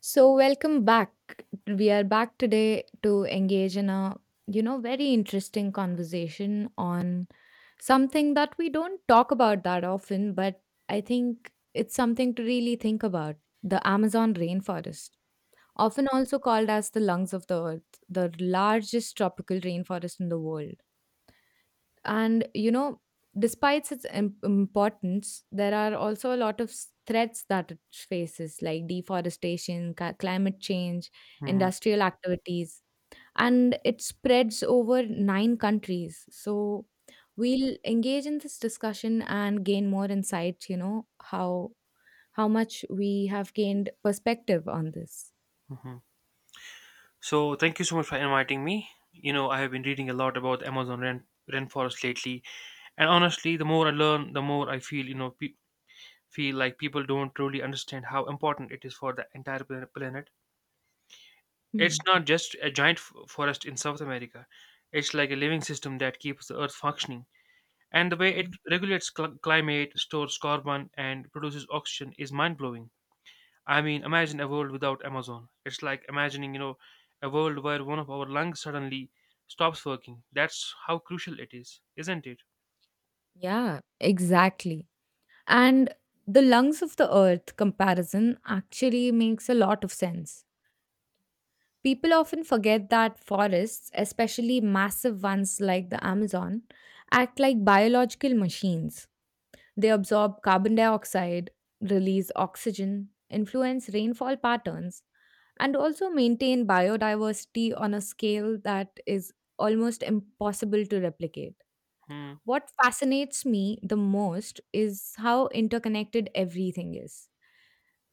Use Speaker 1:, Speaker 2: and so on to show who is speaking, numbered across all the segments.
Speaker 1: So welcome back. We are back today to engage in a very interesting conversation on something that we don't talk about that often, but I think it's something to really think about, the Amazon rainforest. Often also called as the lungs of the earth, the largest tropical rainforest in the world. And, you know, Despite its importance, there are also a lot of threats that it faces, like deforestation, climate change,
Speaker 2: Mhm.
Speaker 1: industrial activities, and it spreads over nine countries. So we'll engage in this discussion and gain more insights, how much we have gained perspective on this.
Speaker 2: Mhm. So thank you so much for inviting me. I have been reading a lot about the Amazon rainforest lately, and honestly, the more I learn, the more I feel, you know, pe- feel like people don't truly understand how important it is for the entire planet. It's
Speaker 1: Hmm.
Speaker 2: not just a giant forest in South America; it's like a living system that keeps the Earth functioning. And the way it
Speaker 1: Hmm.
Speaker 2: regulates climate, stores carbon, and produces oxygen is mind blowing. I mean, imagine a world without Amazon. It's like imagining, a world where one of our lungs suddenly stops working. That's how crucial it is, isn't it?
Speaker 1: Yeah, exactly. And the lungs of the earth comparison actually makes a lot of sense. People often forget that forests, especially massive ones like the Amazon, act like biological machines. They absorb carbon dioxide, release oxygen, influence rainfall patterns, and also maintain biodiversity on a scale that is almost impossible to replicate.
Speaker 2: Hmm.
Speaker 1: What fascinates me the most is how interconnected everything is: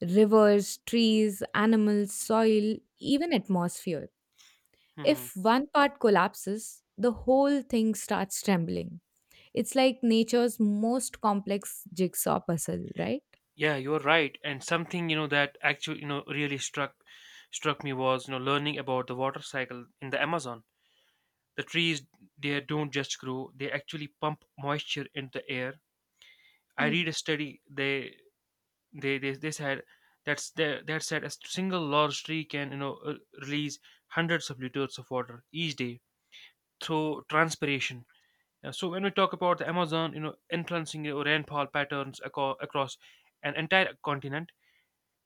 Speaker 1: rivers, trees, animals, soil, even atmosphere.
Speaker 2: Hmm, hmm.
Speaker 1: If one part collapses, the whole thing starts trembling. It's like nature's most complex jigsaw puzzle, right?
Speaker 2: Yeah, you're right. And something, that actually, really struck me was, learning about the water cycle in the Amazon. The trees, they don't just grow; they actually pump moisture into the air. I
Speaker 1: Hmm.
Speaker 2: read a study. They said that's they, that said a single large tree can release hundreds of liters of water each day through transpiration. So when we talk about the Amazon, influencing your rainfall patterns, across an entire continent.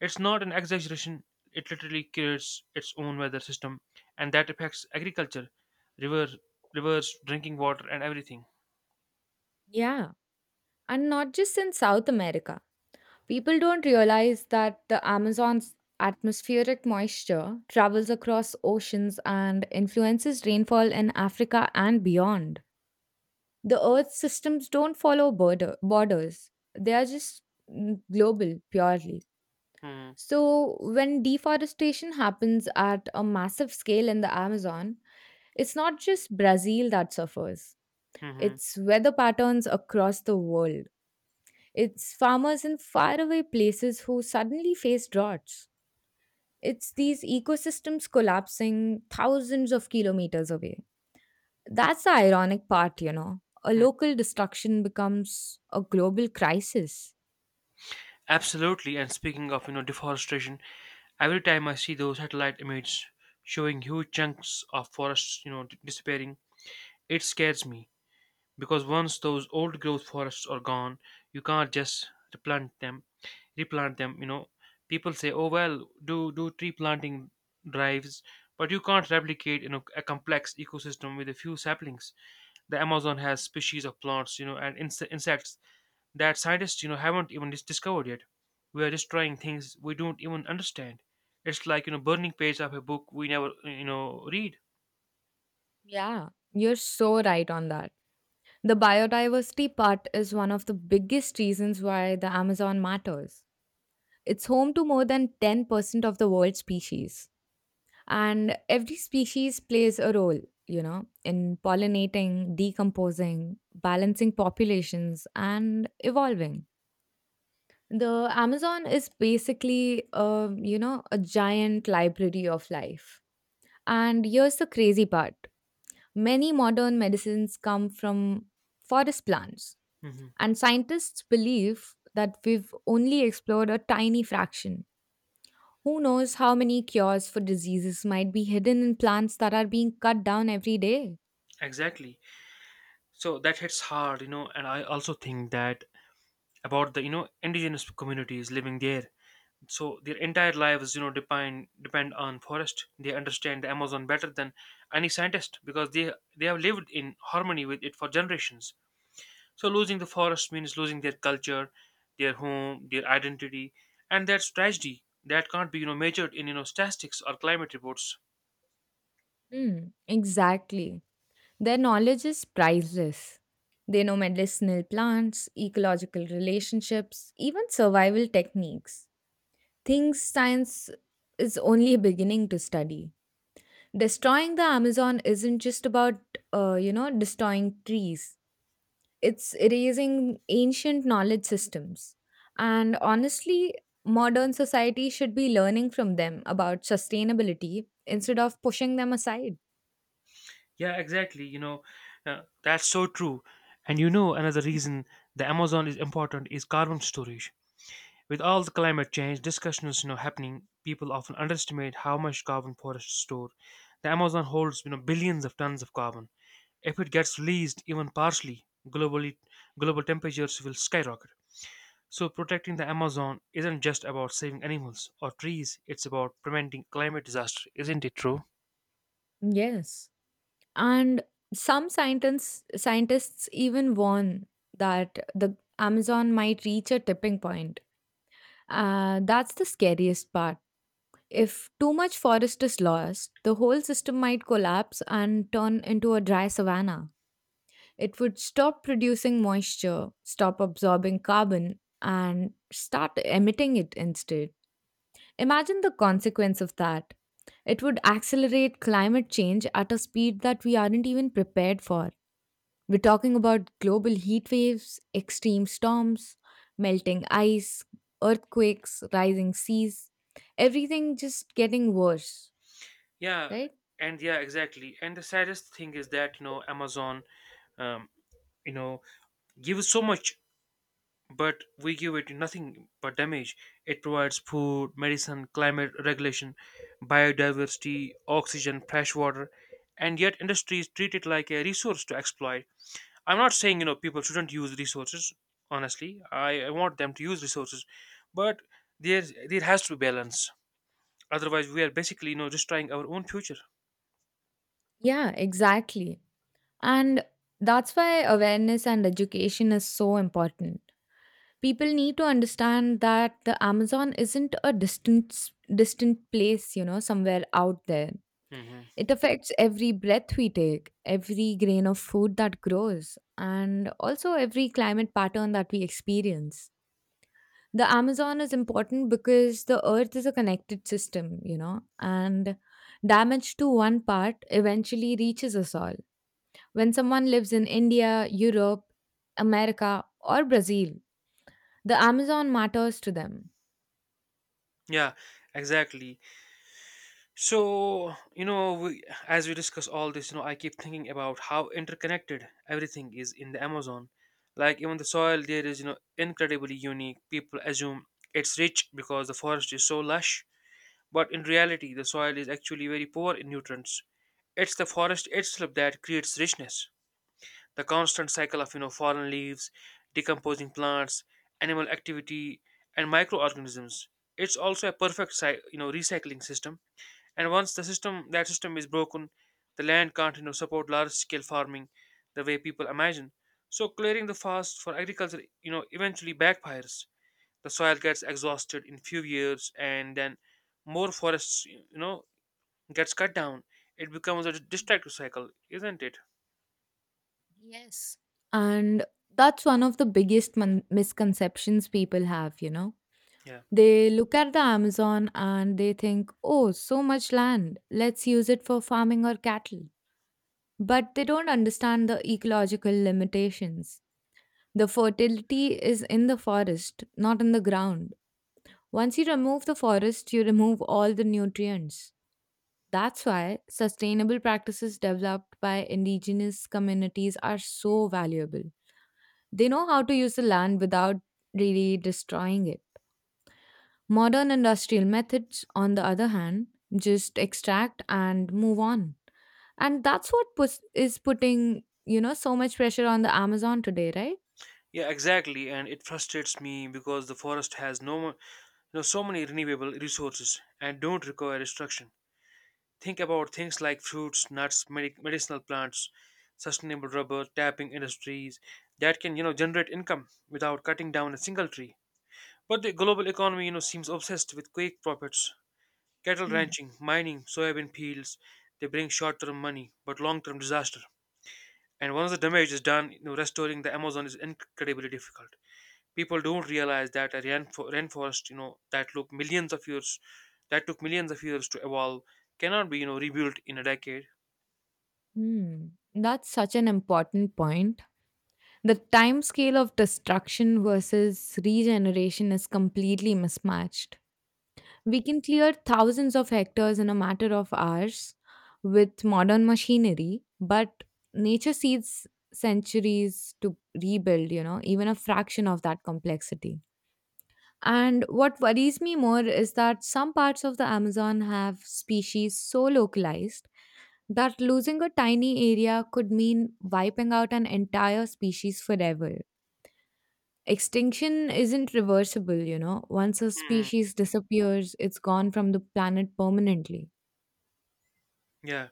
Speaker 2: It's not an exaggeration, it literally creates its own weather system, and that affects agriculture, river rivers, drinking water, and everything.
Speaker 1: Yeah. And not just in South America. People don't realize that the Amazon's atmospheric moisture travels across oceans and influences rainfall in Africa and beyond. The Earth's systems don't follow borders, they are just global purely.
Speaker 2: Hmm.
Speaker 1: So, when deforestation happens at a massive scale in the Amazon, it's not just Brazil that suffers,
Speaker 2: Hmm, hmm, hmm.
Speaker 1: it's weather patterns across the world. It's farmers in faraway places who suddenly face droughts. It's these ecosystems collapsing thousands of kilometers away. That's the ironic part, you know. A local destruction becomes a global crisis.
Speaker 2: Absolutely. And speaking of, deforestation, every time I see those satellite images showing huge chunks of forests, disappearing, it scares me because once those old growth forests are gone, you can't just replant them. People say, oh well, do tree planting drives. But you can't replicate, a complex ecosystem with a few saplings. The Amazon has species of plants and insects that scientists haven't even discovered yet. We are just trying things we don't even understand. It's like burning page of a book we never read.
Speaker 1: Yeah, you're so right on that. The biodiversity part is one of the biggest reasons why the Amazon matters. It's home to more than 10% of the world's species. And every species plays a role, you know, in pollinating, decomposing, balancing populations, and evolving. The Amazon is basically, a giant library of life. And here's the crazy part: many modern medicines come from forest plants,
Speaker 2: Hmm.
Speaker 1: and scientists believe that we've only explored a tiny fraction. Who knows how many cures for diseases might be hidden in plants that are being cut down every day?
Speaker 2: Exactly. So that hits hard, and I also think that about the indigenous communities living there. So their entire lives depend on forest. They understand the Amazon better than any scientist because they have lived in harmony with it for generations. So losing the forest means losing their culture, their home, their identity. And that's tragedy that can't be measured in statistics or climate reports.
Speaker 1: Hmm, exactly. Their knowledge is priceless. They know medicinal plants, ecological relationships, even survival techniques. Things science is only beginning to study. Destroying the Amazon isn't just about, destroying trees. It's erasing ancient knowledge systems. And honestly, modern society should be learning from them about sustainability instead of pushing them aside.
Speaker 2: Yeah, exactly. That's so true. And another reason the Amazon is important is carbon storage. With all the climate change discussions, happening, people often underestimate how much carbon forests store. The Amazon holds, billions of tons of carbon. If it gets released, even partially, globally, global temperatures will skyrocket. So protecting the Amazon isn't just about saving animals or trees; it's about preventing climate disaster, isn't it true?
Speaker 1: Yes. And scientists even warn that the Amazon might reach a tipping point. That's the scariest part. If too much forest is lost, the whole system might collapse and turn into a dry savanna. It would stop producing moisture, stop absorbing carbon, and start emitting it instead. Imagine the consequence of that. It would accelerate climate change at a speed that we aren't even prepared for. We're talking about global heat waves, extreme storms, melting ice, earthquakes, rising seas, everything just getting worse,
Speaker 2: Yeah,
Speaker 1: right?
Speaker 2: and yeah, exactly. And the saddest thing is that, Amazon, um, you know, gives so much, but we give it nothing but damage. It provides food, medicine, climate regulation, biodiversity, oxygen, fresh water, and yet industries treat it like a resource to exploit. I'm not saying, people shouldn't use resources, honestly. I want them to use resources, but there there has to be balance. Otherwise, we are basically, destroying our own future.
Speaker 1: Yeah, exactly. And that's why awareness and education is so important. People need to understand that the Amazon isn't a distant place, you know, somewhere out there.
Speaker 2: Hmm.
Speaker 1: It affects every breath we take, every grain of food that grows, and also every climate pattern that we experience. The Amazon is important because the earth is a connected system, you know, and damage to one part eventually reaches us all. When someone lives in India, Europe, America, or Brazil, the Amazon matters to them.
Speaker 2: Yeah, exactly. So, as we discuss all this, I keep thinking about how interconnected everything is in the Amazon. Like, even the soil there is, incredibly unique. People assume it's rich because the forest is so lush, but in reality, the soil is actually very poor in nutrients. It's the forest itself that creates richness. The constant cycle of fallen leaves, decomposing plants, animal activity, and microorganisms. It's also a perfect recycling system. And once the system that system is broken, the land can't support large scale farming the way people imagine. So clearing the forest for agriculture eventually backfires. The soil gets exhausted in few years, and then more forests gets cut down. It becomes a destructive cycle, isn't it?
Speaker 1: And that's one of the biggest misconceptions people have, you know.
Speaker 2: Yeah.
Speaker 1: They look at the Amazon and they think, oh, so much land, let's use it for farming or cattle. But they don't understand the ecological limitations. The fertility is in the forest, not in the ground. Once you remove the forest, you remove all the nutrients. That's why sustainable practices developed by indigenous communities are so valuable. They know how to use the land without really destroying it. Modern industrial methods, on the other hand, just extract and move on. And that's what puts, is putting, you know, so much pressure on the Amazon today, right?
Speaker 2: Yeah, exactly, and it frustrates me because the forest has no, mo- you know, so many renewable resources and don't require destruction. Think about things like fruits, nuts, medicinal plants, sustainable rubber, tapping industries that can, generate income without cutting down a single tree. But the global economy, seems obsessed with quick profits. Cattle
Speaker 1: Mm.
Speaker 2: ranching, mining, soybean fields, they bring short-term money but long-term disaster. And once the damage is done, restoring the Amazon is incredibly difficult. People don't realize that a rainforest that took millions of years to evolve cannot be rebuilt in a decade.
Speaker 1: Hmm. That's such an important point. The time scale of destruction versus regeneration is completely mismatched. We can clear thousands of hectares in a matter of hours with modern machinery, but nature seeds centuries to rebuild, you know, even a fraction of that complexity. And what worries me more is that some parts of the Amazon have species so localized that losing a tiny area could mean wiping out an entire species forever. Extinction isn't reversible, you know. Once a
Speaker 2: Mhm.
Speaker 1: species disappears, it's gone from the planet permanently.
Speaker 2: Yeah.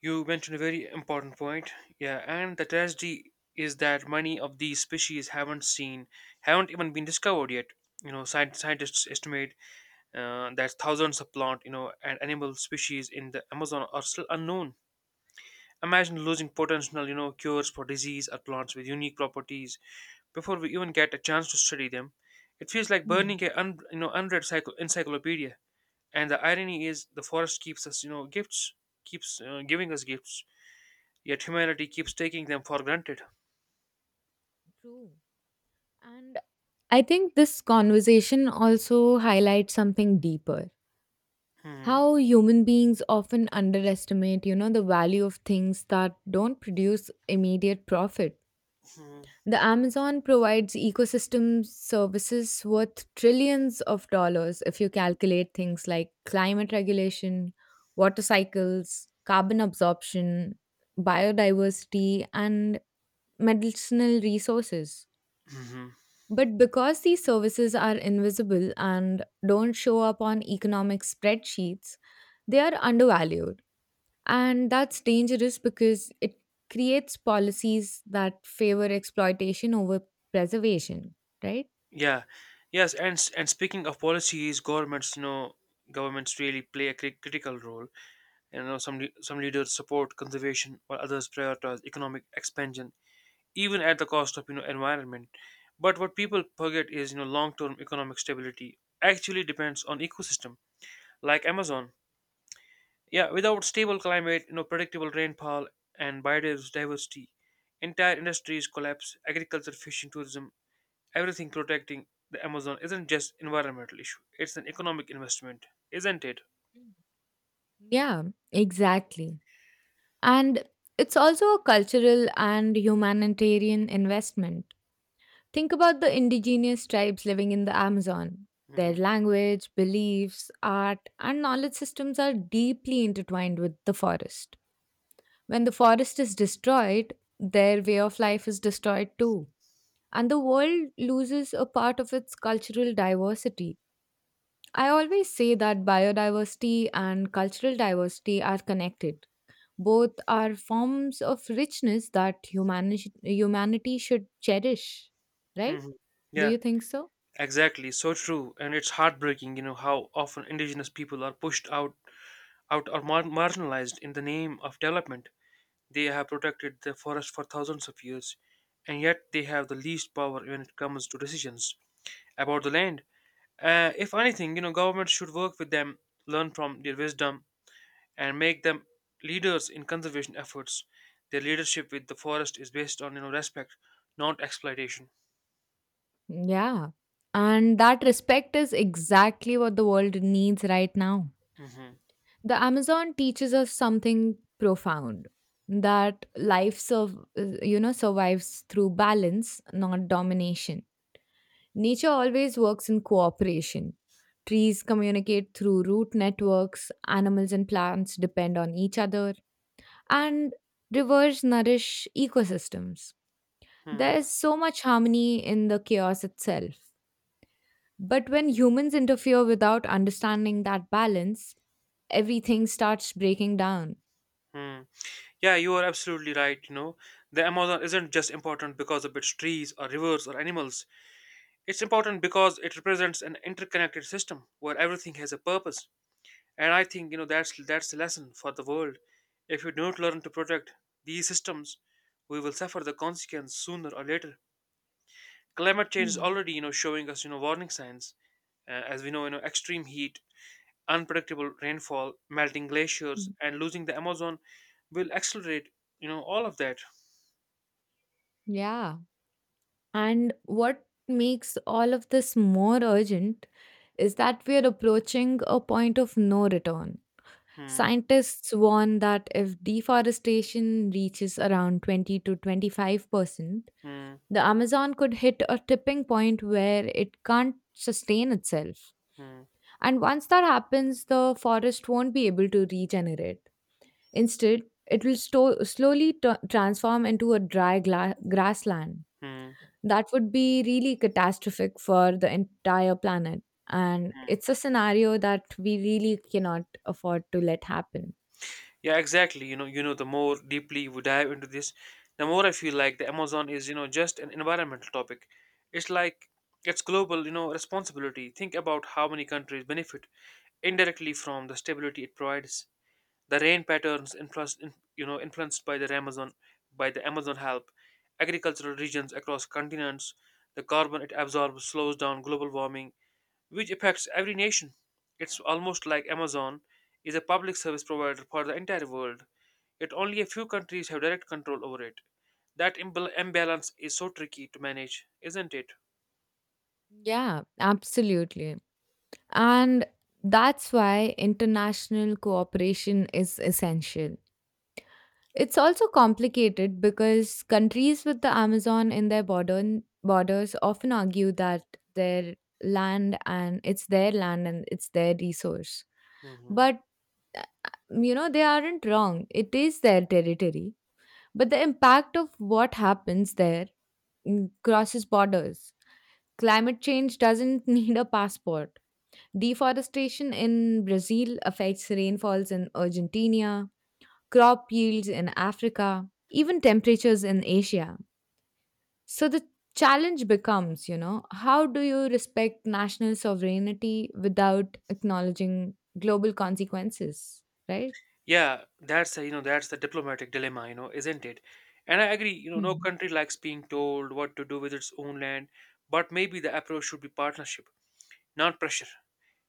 Speaker 2: You mentioned a very important point. Yeah. And the tragedy is that many of these species haven't even been discovered yet. Scientists estimate that thousands of plant and animal species in the Amazon are still unknown. Imagine losing potential cures for disease or plants with unique properties before we even get a chance to study them. It feels like
Speaker 1: Hmm.
Speaker 2: burning a un, you know unread encyclopedia. And the irony is, the forest keeps us you know gifts, keeps giving us gifts, yet humanity keeps taking them for granted.
Speaker 1: True. And I think this conversation also highlights something deeper:
Speaker 2: Hmm.
Speaker 1: how human beings often underestimate, you know, the value of things that don't produce immediate profit.
Speaker 2: Hmm.
Speaker 1: The Amazon provides ecosystem services worth trillions of dollars if you calculate things like climate regulation, water cycles, carbon absorption, biodiversity, and medicinal resources.
Speaker 2: Hmm.
Speaker 1: But because these services are invisible and don't show up on economic spreadsheets, they are undervalued. And that's dangerous because it creates policies that favor exploitation over preservation, right?
Speaker 2: Yeah. Yes. And speaking of policies, governments you know governments really play a critical role. Some leaders support conservation while others prioritize economic expansion even at the cost of environment. But what people forget is long term economic stability actually depends on ecosystem like Amazon. Yeah, without stable climate, predictable rainfall, and biodiversity, entire industries collapse. Agriculture, fishing, tourism, everything. Protecting the Amazon isn't just environmental issue, it's an economic investment, isn't it?
Speaker 1: Mm. Yeah, exactly. And it's also a cultural and humanitarian investment. Think about the indigenous tribes living in the Amazon. Their
Speaker 2: Hmm,
Speaker 1: language, beliefs, art, and knowledge systems are deeply intertwined with the forest. When the forest is destroyed, their way of life is destroyed too. And the world loses a part of its cultural diversity. I always say that biodiversity and cultural diversity are connected: both are forms of richness that humanity should cherish, right?
Speaker 2: hmm.
Speaker 1: Do
Speaker 2: Yeah,
Speaker 1: you think so?
Speaker 2: exactly, so true. And it's heartbreaking how often indigenous people are pushed out or marginalized in the name of development. They have protected the forest for thousands of years, and yet they have the least power when it comes to decisions about the land. If anything, governments should work with them, learn from their wisdom, and make them leaders in conservation efforts. Their leadership with the forest is based on respect, not exploitation.
Speaker 1: Yeah. And that respect is exactly what the world needs right now.
Speaker 2: Mm-hmm.
Speaker 1: The Amazon teaches us something profound: that life survives through balance, not domination. Nature always works in cooperation. Trees communicate through root networks, animals and plants depend on each other, and rivers nourish ecosystems.
Speaker 2: Mm-hmm.
Speaker 1: There is so much harmony in the chaos itself. But when humans interfere without understanding that balance, everything starts breaking down.
Speaker 2: Mm-hmm. Yeah, you are absolutely right. The Amazon isn't just important because of its trees or rivers or animals. It's important because it represents an interconnected system where everything has a purpose. And I think that's the lesson for the world. If we don't learn to protect these systems, we will suffer the consequence sooner or later. Climate change is
Speaker 1: Hmm.
Speaker 2: already showing us warning signs. As we know, extreme heat, unpredictable rainfall, melting glaciers,
Speaker 1: Hmm.
Speaker 2: and losing the Amazon will accelerate all of that.
Speaker 1: Yeah. And what makes all of this more urgent is that we are approaching a point of no return.
Speaker 2: Hmm.
Speaker 1: Scientists warn that if deforestation reaches around 20 to 25%,
Speaker 2: Hmm.
Speaker 1: the Amazon could hit a tipping point where it can't sustain itself.
Speaker 2: Hmm.
Speaker 1: And once that happens, the forest won't be able to regenerate. Instead, it will slowly transform into a dry grassland.
Speaker 2: Hmm.
Speaker 1: That would be really catastrophic for the entire planet. And
Speaker 2: Hmm.
Speaker 1: it's a scenario that we really cannot afford to let happen.
Speaker 2: Yeah, exactly. The more deeply we dive into this, the more I feel like the Amazon is, just an environmental topic. It's like it's global, responsibility. Think about how many countries benefit indirectly from the stability it provides. The rain patterns influenced, in- you know, influenced by the Amazon, help agricultural regions across continents. The carbon it absorbs slows down global warming, which affects every nation. It's almost like Amazon is a public service provider for the entire world, yet only a few countries have direct control over it. That imbalance is so tricky to manage, isn't it?
Speaker 1: Yeah, absolutely. And that's why international cooperation is essential. It's also complicated because countries with the Amazon in their borders often argue that their land and it's their land and it's their resource.
Speaker 2: Mhm.
Speaker 1: But uh, you know, they aren't wrong. It is their territory. But the impact of what happens there, crosses borders. Climate change doesn't need a passport. Deforestation in Brazil affects rainfalls in Argentina, crop yields in Africa, even temperatures in Asia. So the challenge becomes, you know, how do you respect national sovereignty without acknowledging global consequences, right?
Speaker 2: Yeah, that's the diplomatic dilemma, isn't it? And I agree, no
Speaker 1: Mhm.
Speaker 2: country likes being told what to do with its own land, but maybe the approach should be partnership, not pressure.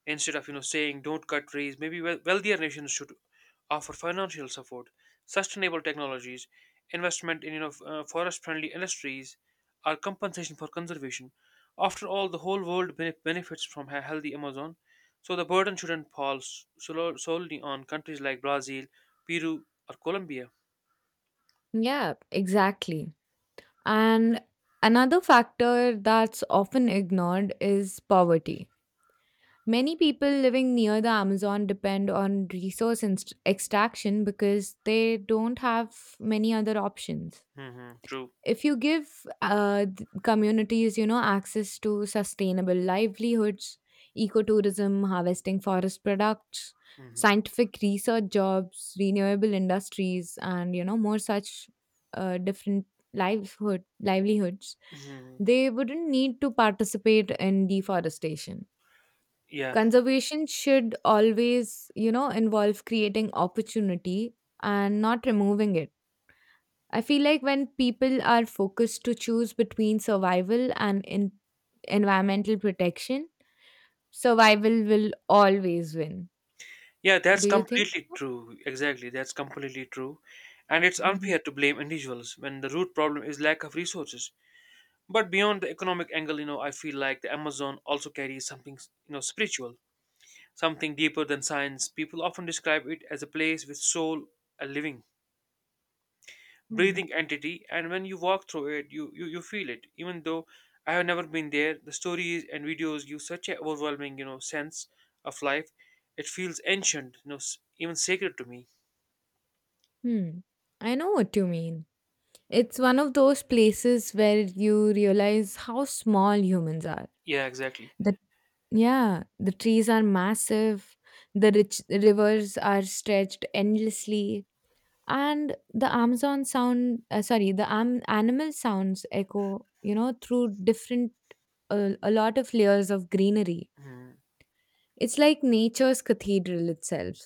Speaker 2: Instead of saying don't cut trees, maybe wealthier nations should offer financial support, sustainable technologies, investment in forest-friendly industries, or compensation for conservation. After all, the whole world benefits from a healthy Amazon, so the burden shouldn't fall solely on countries like Brazil, Peru, or Colombia.
Speaker 1: Yeah, exactly. And another factor that's often ignored is poverty. Many people living near the Amazon depend on resource extraction because they don't have many other options.
Speaker 2: Hmm. True.
Speaker 1: If you give communities, you know, access to sustainable livelihoods, ecotourism, harvesting forest products,
Speaker 2: Hmm,
Speaker 1: scientific research jobs, renewable industries, and, you know, more such different livelihoods,
Speaker 2: hmm.
Speaker 1: they wouldn't need to participate in deforestation.
Speaker 2: Yeah.
Speaker 1: Conservation should always, you know, involve creating opportunity and not removing it. I feel like when people are focused to choose between survival and environmental protection, survival will always win.
Speaker 2: Yeah, that's
Speaker 1: Do you think
Speaker 2: completely
Speaker 1: so?
Speaker 2: true. Exactly, that's completely true. And it's
Speaker 1: Mhm.
Speaker 2: unfair to blame individuals when the root problem is lack of resources. But beyond the economic angle, I feel like the Amazon also carries something, spiritual, something deeper than science. People often describe it as a place with soul, a living,
Speaker 1: Hmm.
Speaker 2: breathing entity, and when you walk through it, you feel it. Even though I have never been there, the stories and videos give such an overwhelming, sense of life. It feels ancient, even sacred to me.
Speaker 1: Hmm. I know what you mean. It's one of those places where you realize how small humans are.
Speaker 2: Yeah, exactly.
Speaker 1: The yeah, the trees are massive. The rich rivers are stretched endlessly, and the amazon sound sorry the am- animal sounds echo, you know, through different, a lot of layers of greenery.
Speaker 2: Mhm.
Speaker 1: It's like nature's cathedral itself.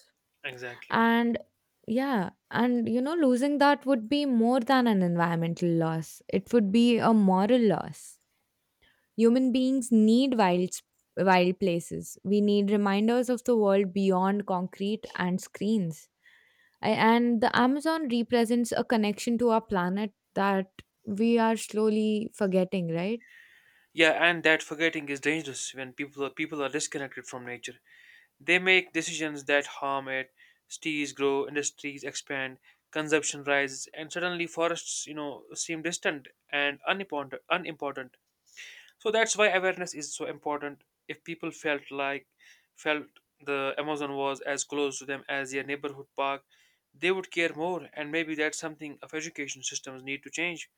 Speaker 2: Exactly.
Speaker 1: And yeah, and you know, losing that would be more than an environmental loss, it would be a moral loss. Human beings need wild places. We need reminders of the world beyond concrete and screens. And the Amazon represents a connection to our planet that we are slowly forgetting, right?
Speaker 2: Yeah, and that forgetting is dangerous when people are disconnected from nature. They make decisions that harm it. Cities grow, industries expand, consumption rises, and suddenly forests, seem distant and unimportant. So that's why awareness is so important. If people felt the Amazon was as close to them as their neighborhood park, they would care more. And maybe that's something of education systems need to change.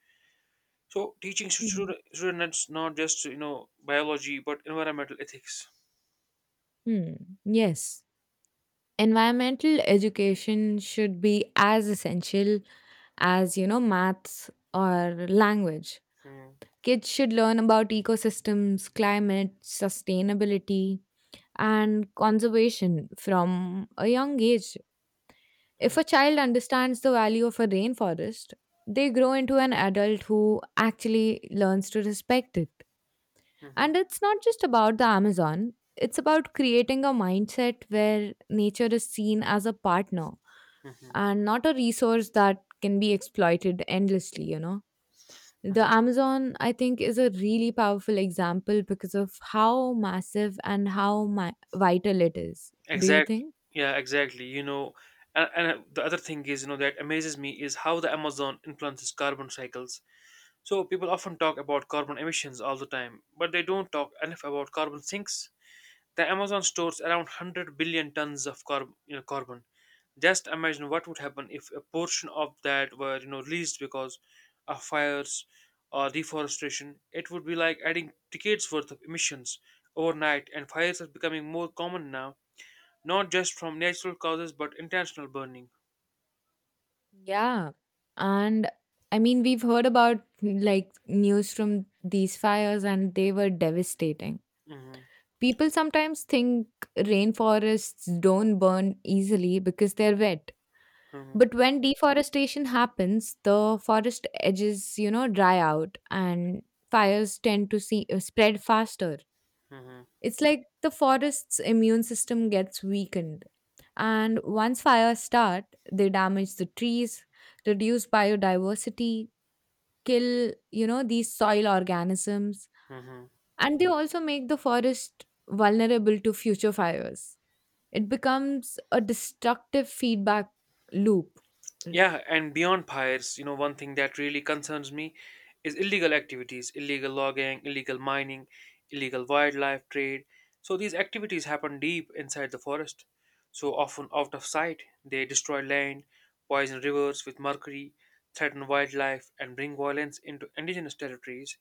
Speaker 2: So teaching
Speaker 1: Mhm.
Speaker 2: students not just biology but environmental ethics.
Speaker 1: Hmm. Yes. Environmental education should be as essential as, you know, maths or language.
Speaker 2: Mm.
Speaker 1: Kids should learn about ecosystems, climate, sustainability, and conservation from a young age. If a
Speaker 2: Mhm.
Speaker 1: child understands the value of a rainforest, they grow into an adult who actually learns to respect it.
Speaker 2: Mhm.
Speaker 1: And it's not just about the Amazon, it's about creating a mindset where nature is seen as a partner
Speaker 2: Mhm.
Speaker 1: and not a resource that can be exploited endlessly.
Speaker 2: Mhm.
Speaker 1: The Amazon, I think, is a really powerful example because of how massive and vital it is. Do you
Speaker 2: Exactly.
Speaker 1: think?
Speaker 2: Yeah, exactly. And the other thing is that amazes me is how the Amazon influences carbon cycles. So people often talk about carbon emissions all the time, but they don't talk enough about carbon sinks. The Amazon stores around 100 billion tons of carbon. Just imagine what would happen if a portion of that were released because of fires or deforestation. It would be like adding decades worth of emissions overnight, and fires are becoming more common now, not just from natural causes but intentional burning.
Speaker 1: Yeah. And we've heard about like news from these fires and they were devastating.
Speaker 2: Hmm.
Speaker 1: People sometimes think rainforests don't burn easily because they're wet.
Speaker 2: Hmm.
Speaker 1: But when deforestation happens, the forest edges dry out and fires tend to spread faster.
Speaker 2: Hmm.
Speaker 1: It's like the forest's immune system gets weakened. And once fires start, they damage the trees, reduce biodiversity, kill these soil organisms,
Speaker 2: Hmm.
Speaker 1: and they also make the forest vulnerable to future fires. It becomes a destructive feedback loop.
Speaker 2: Yeah, and beyond pirates, you know, one thing that really concerns me is illegal activities, illegal logging, illegal mining, illegal wildlife trade. So these activities happen deep inside the forest, so often out of sight. They destroy land, poison rivers with mercury, threaten wildlife, and bring violence into indigenous territories.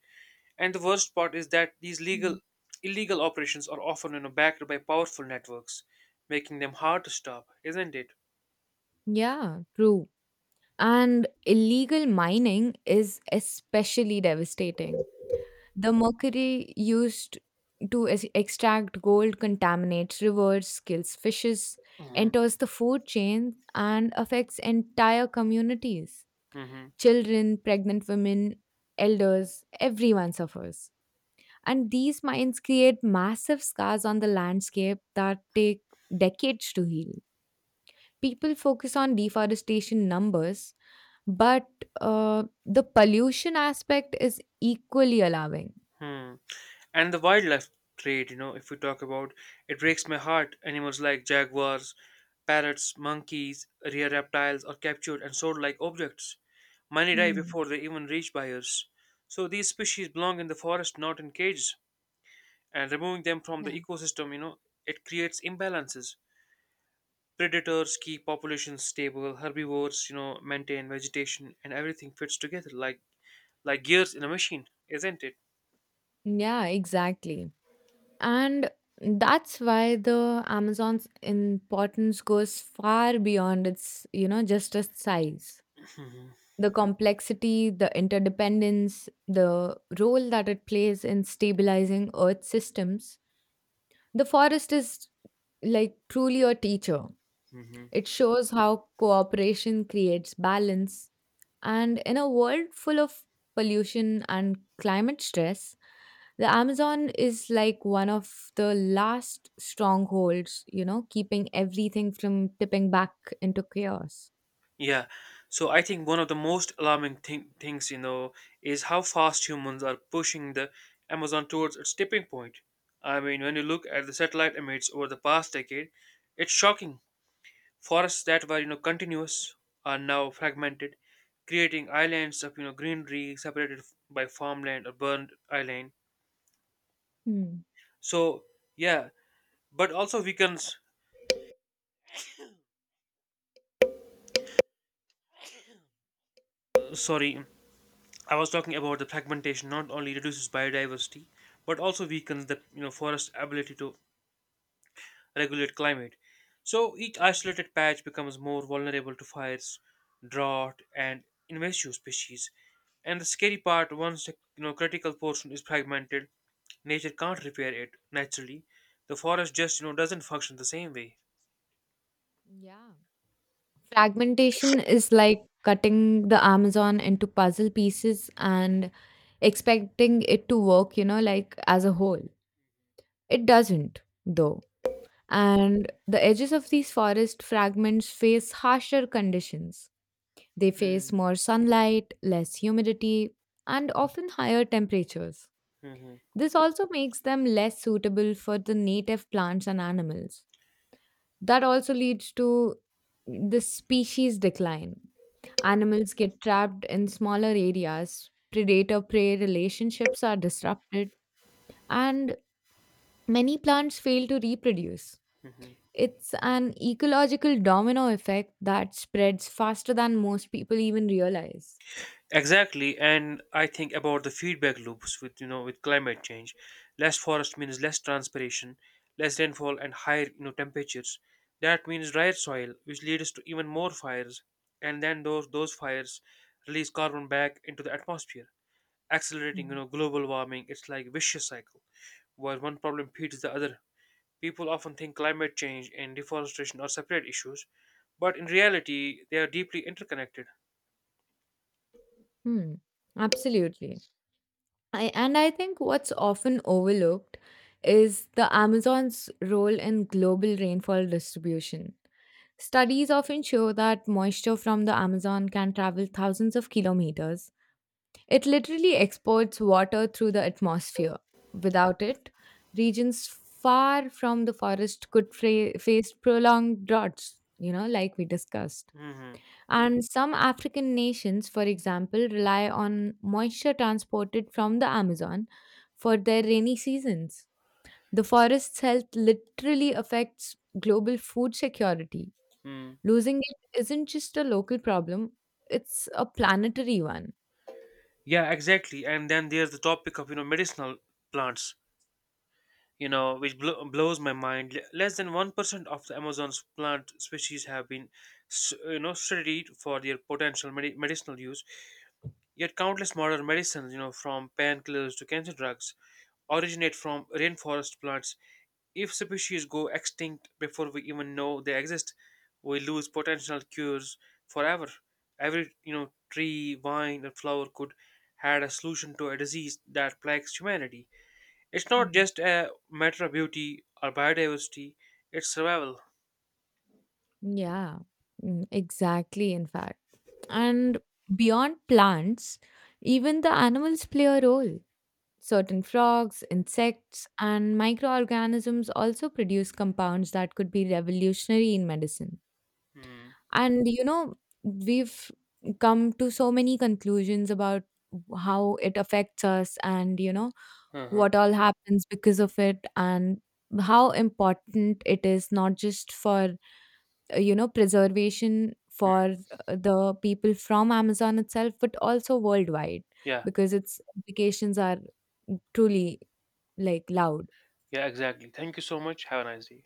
Speaker 2: And the worst part is that these
Speaker 1: Mm.
Speaker 2: legal illegal operations are often backed by powerful networks, making them hard to stop, isn't it?
Speaker 1: Yeah, true. And illegal mining is especially devastating. The mercury used to extract gold contaminates rivers, kills fishes,
Speaker 2: Mhm.
Speaker 1: enters the food chain, and affects entire communities.
Speaker 2: Hmm.
Speaker 1: Children, pregnant women, elders, everyone suffers. And these mines create massive scars on the landscape that take decades to heal. People focus on deforestation numbers, but the pollution aspect is equally alarming.
Speaker 2: Hmm. And the wildlife trade, you know, if we talk about it breaks my heart. Animals like jaguars, parrots, monkeys, rare reptiles are captured and sold like objects. Many die
Speaker 1: Hmm.
Speaker 2: before they even reach buyers. So these species belong in the forest, not in cages. And removing them from
Speaker 1: Yeah.
Speaker 2: the ecosystem, it creates imbalances. Predators keep populations stable, herbivores, maintain vegetation, and everything fits together like gears in a machine, isn't it?
Speaker 1: Yeah, exactly. And that's why the Amazon's importance goes far beyond just its size, the complexity, the interdependence, the role that it plays in stabilizing Earth systems. The forest is like truly a teacher.
Speaker 2: Hmm.
Speaker 1: It shows how cooperation creates balance. And in a world full of pollution and climate stress, the Amazon is like one of the last strongholds, keeping everything from tipping back into chaos.
Speaker 2: Yeah. So I think one of the most alarming things, you know, is how fast humans are pushing the Amazon towards its tipping point. I mean, when you look at the satellite images over the past decade, it's shocking. Forests that were, continuous are now fragmented, creating islands of, greenery separated by farmland or burned island.
Speaker 1: Hmm.
Speaker 2: So, yeah, but also weakens, sorry, I was talking about the fragmentation not only reduces biodiversity but also weakens the forest's ability to regulate climate. So each isolated patch becomes more vulnerable to fires, drought, and invasive species. And the scary part, once the critical portion is fragmented, nature can't repair it naturally. The forest just doesn't function the same way.
Speaker 1: Yeah. Fragmentation is like cutting the Amazon into puzzle pieces and expecting it to work like as a whole. It doesn't, though. And the edges of these forest fragments face harsher conditions. They
Speaker 2: Hmm.
Speaker 1: face more sunlight, less humidity, and often higher temperatures.
Speaker 2: Hmm. Hmm.
Speaker 1: This also makes them less suitable for the native plants and animals. That also leads to the species decline. Animals get trapped in smaller areas, predator prey relationships are disrupted, and many plants fail to reproduce.
Speaker 2: Hmm. Hmm.
Speaker 1: It's an ecological domino effect that spreads faster than most people even realize.
Speaker 2: Exactly, and I think about the feedback loops with you know with climate change. Less forest means less transpiration, less rainfall, and higher temperatures. That means drier soil, which leads to even more fires, and then those fires release carbon back into the atmosphere, accelerating
Speaker 1: Hmm.
Speaker 2: global warming. It's like vicious cycle where one problem feeds the other. People often think climate change and deforestation are separate issues, but in reality, they are deeply interconnected.
Speaker 1: Hmm. Absolutely. And I think what's often overlooked is the Amazon's role in global rainfall distribution. Studies often show that moisture from the Amazon can travel thousands of kilometers. It literally exports water through the atmosphere. Without it, regions far from the forest could face prolonged droughts, like we discussed.
Speaker 2: Hmm.
Speaker 1: And some African nations, for example, rely on moisture transported from the Amazon for their rainy seasons. The forest's health literally affects global food security. Losing it isn't just a local problem, it's a planetary one.
Speaker 2: Yeah, exactly. And then there's the topic of medicinal plants, blows my mind. Less than 1% of the Amazon's plant species have been studied for their potential medicinal use. Yet countless modern medicines, from painkillers to cancer drugs, originate from rainforest plants. If species go extinct before we even know they exist, we lose potential cures forever. Every tree, vine, and flower could had a solution to a disease that plagues humanity. It's not
Speaker 1: Mm.
Speaker 2: just a matter of beauty or biodiversity; it's survival.
Speaker 1: Yeah, exactly, in fact. And beyond plants, even the animals play a role. Certain frogs, insects, and microorganisms also produce compounds that could be revolutionary in medicine.
Speaker 2: Hmm.
Speaker 1: And we've come to so many conclusions about how it affects us and
Speaker 2: Uh-huh.
Speaker 1: what all happens because of it and how important it is not just for preservation
Speaker 2: Hmm.
Speaker 1: for the people from amazon itself but also worldwide
Speaker 2: Yeah.
Speaker 1: because its implications are truly like loud
Speaker 2: Yeah. Exactly. Thank you so much. Have a nice day.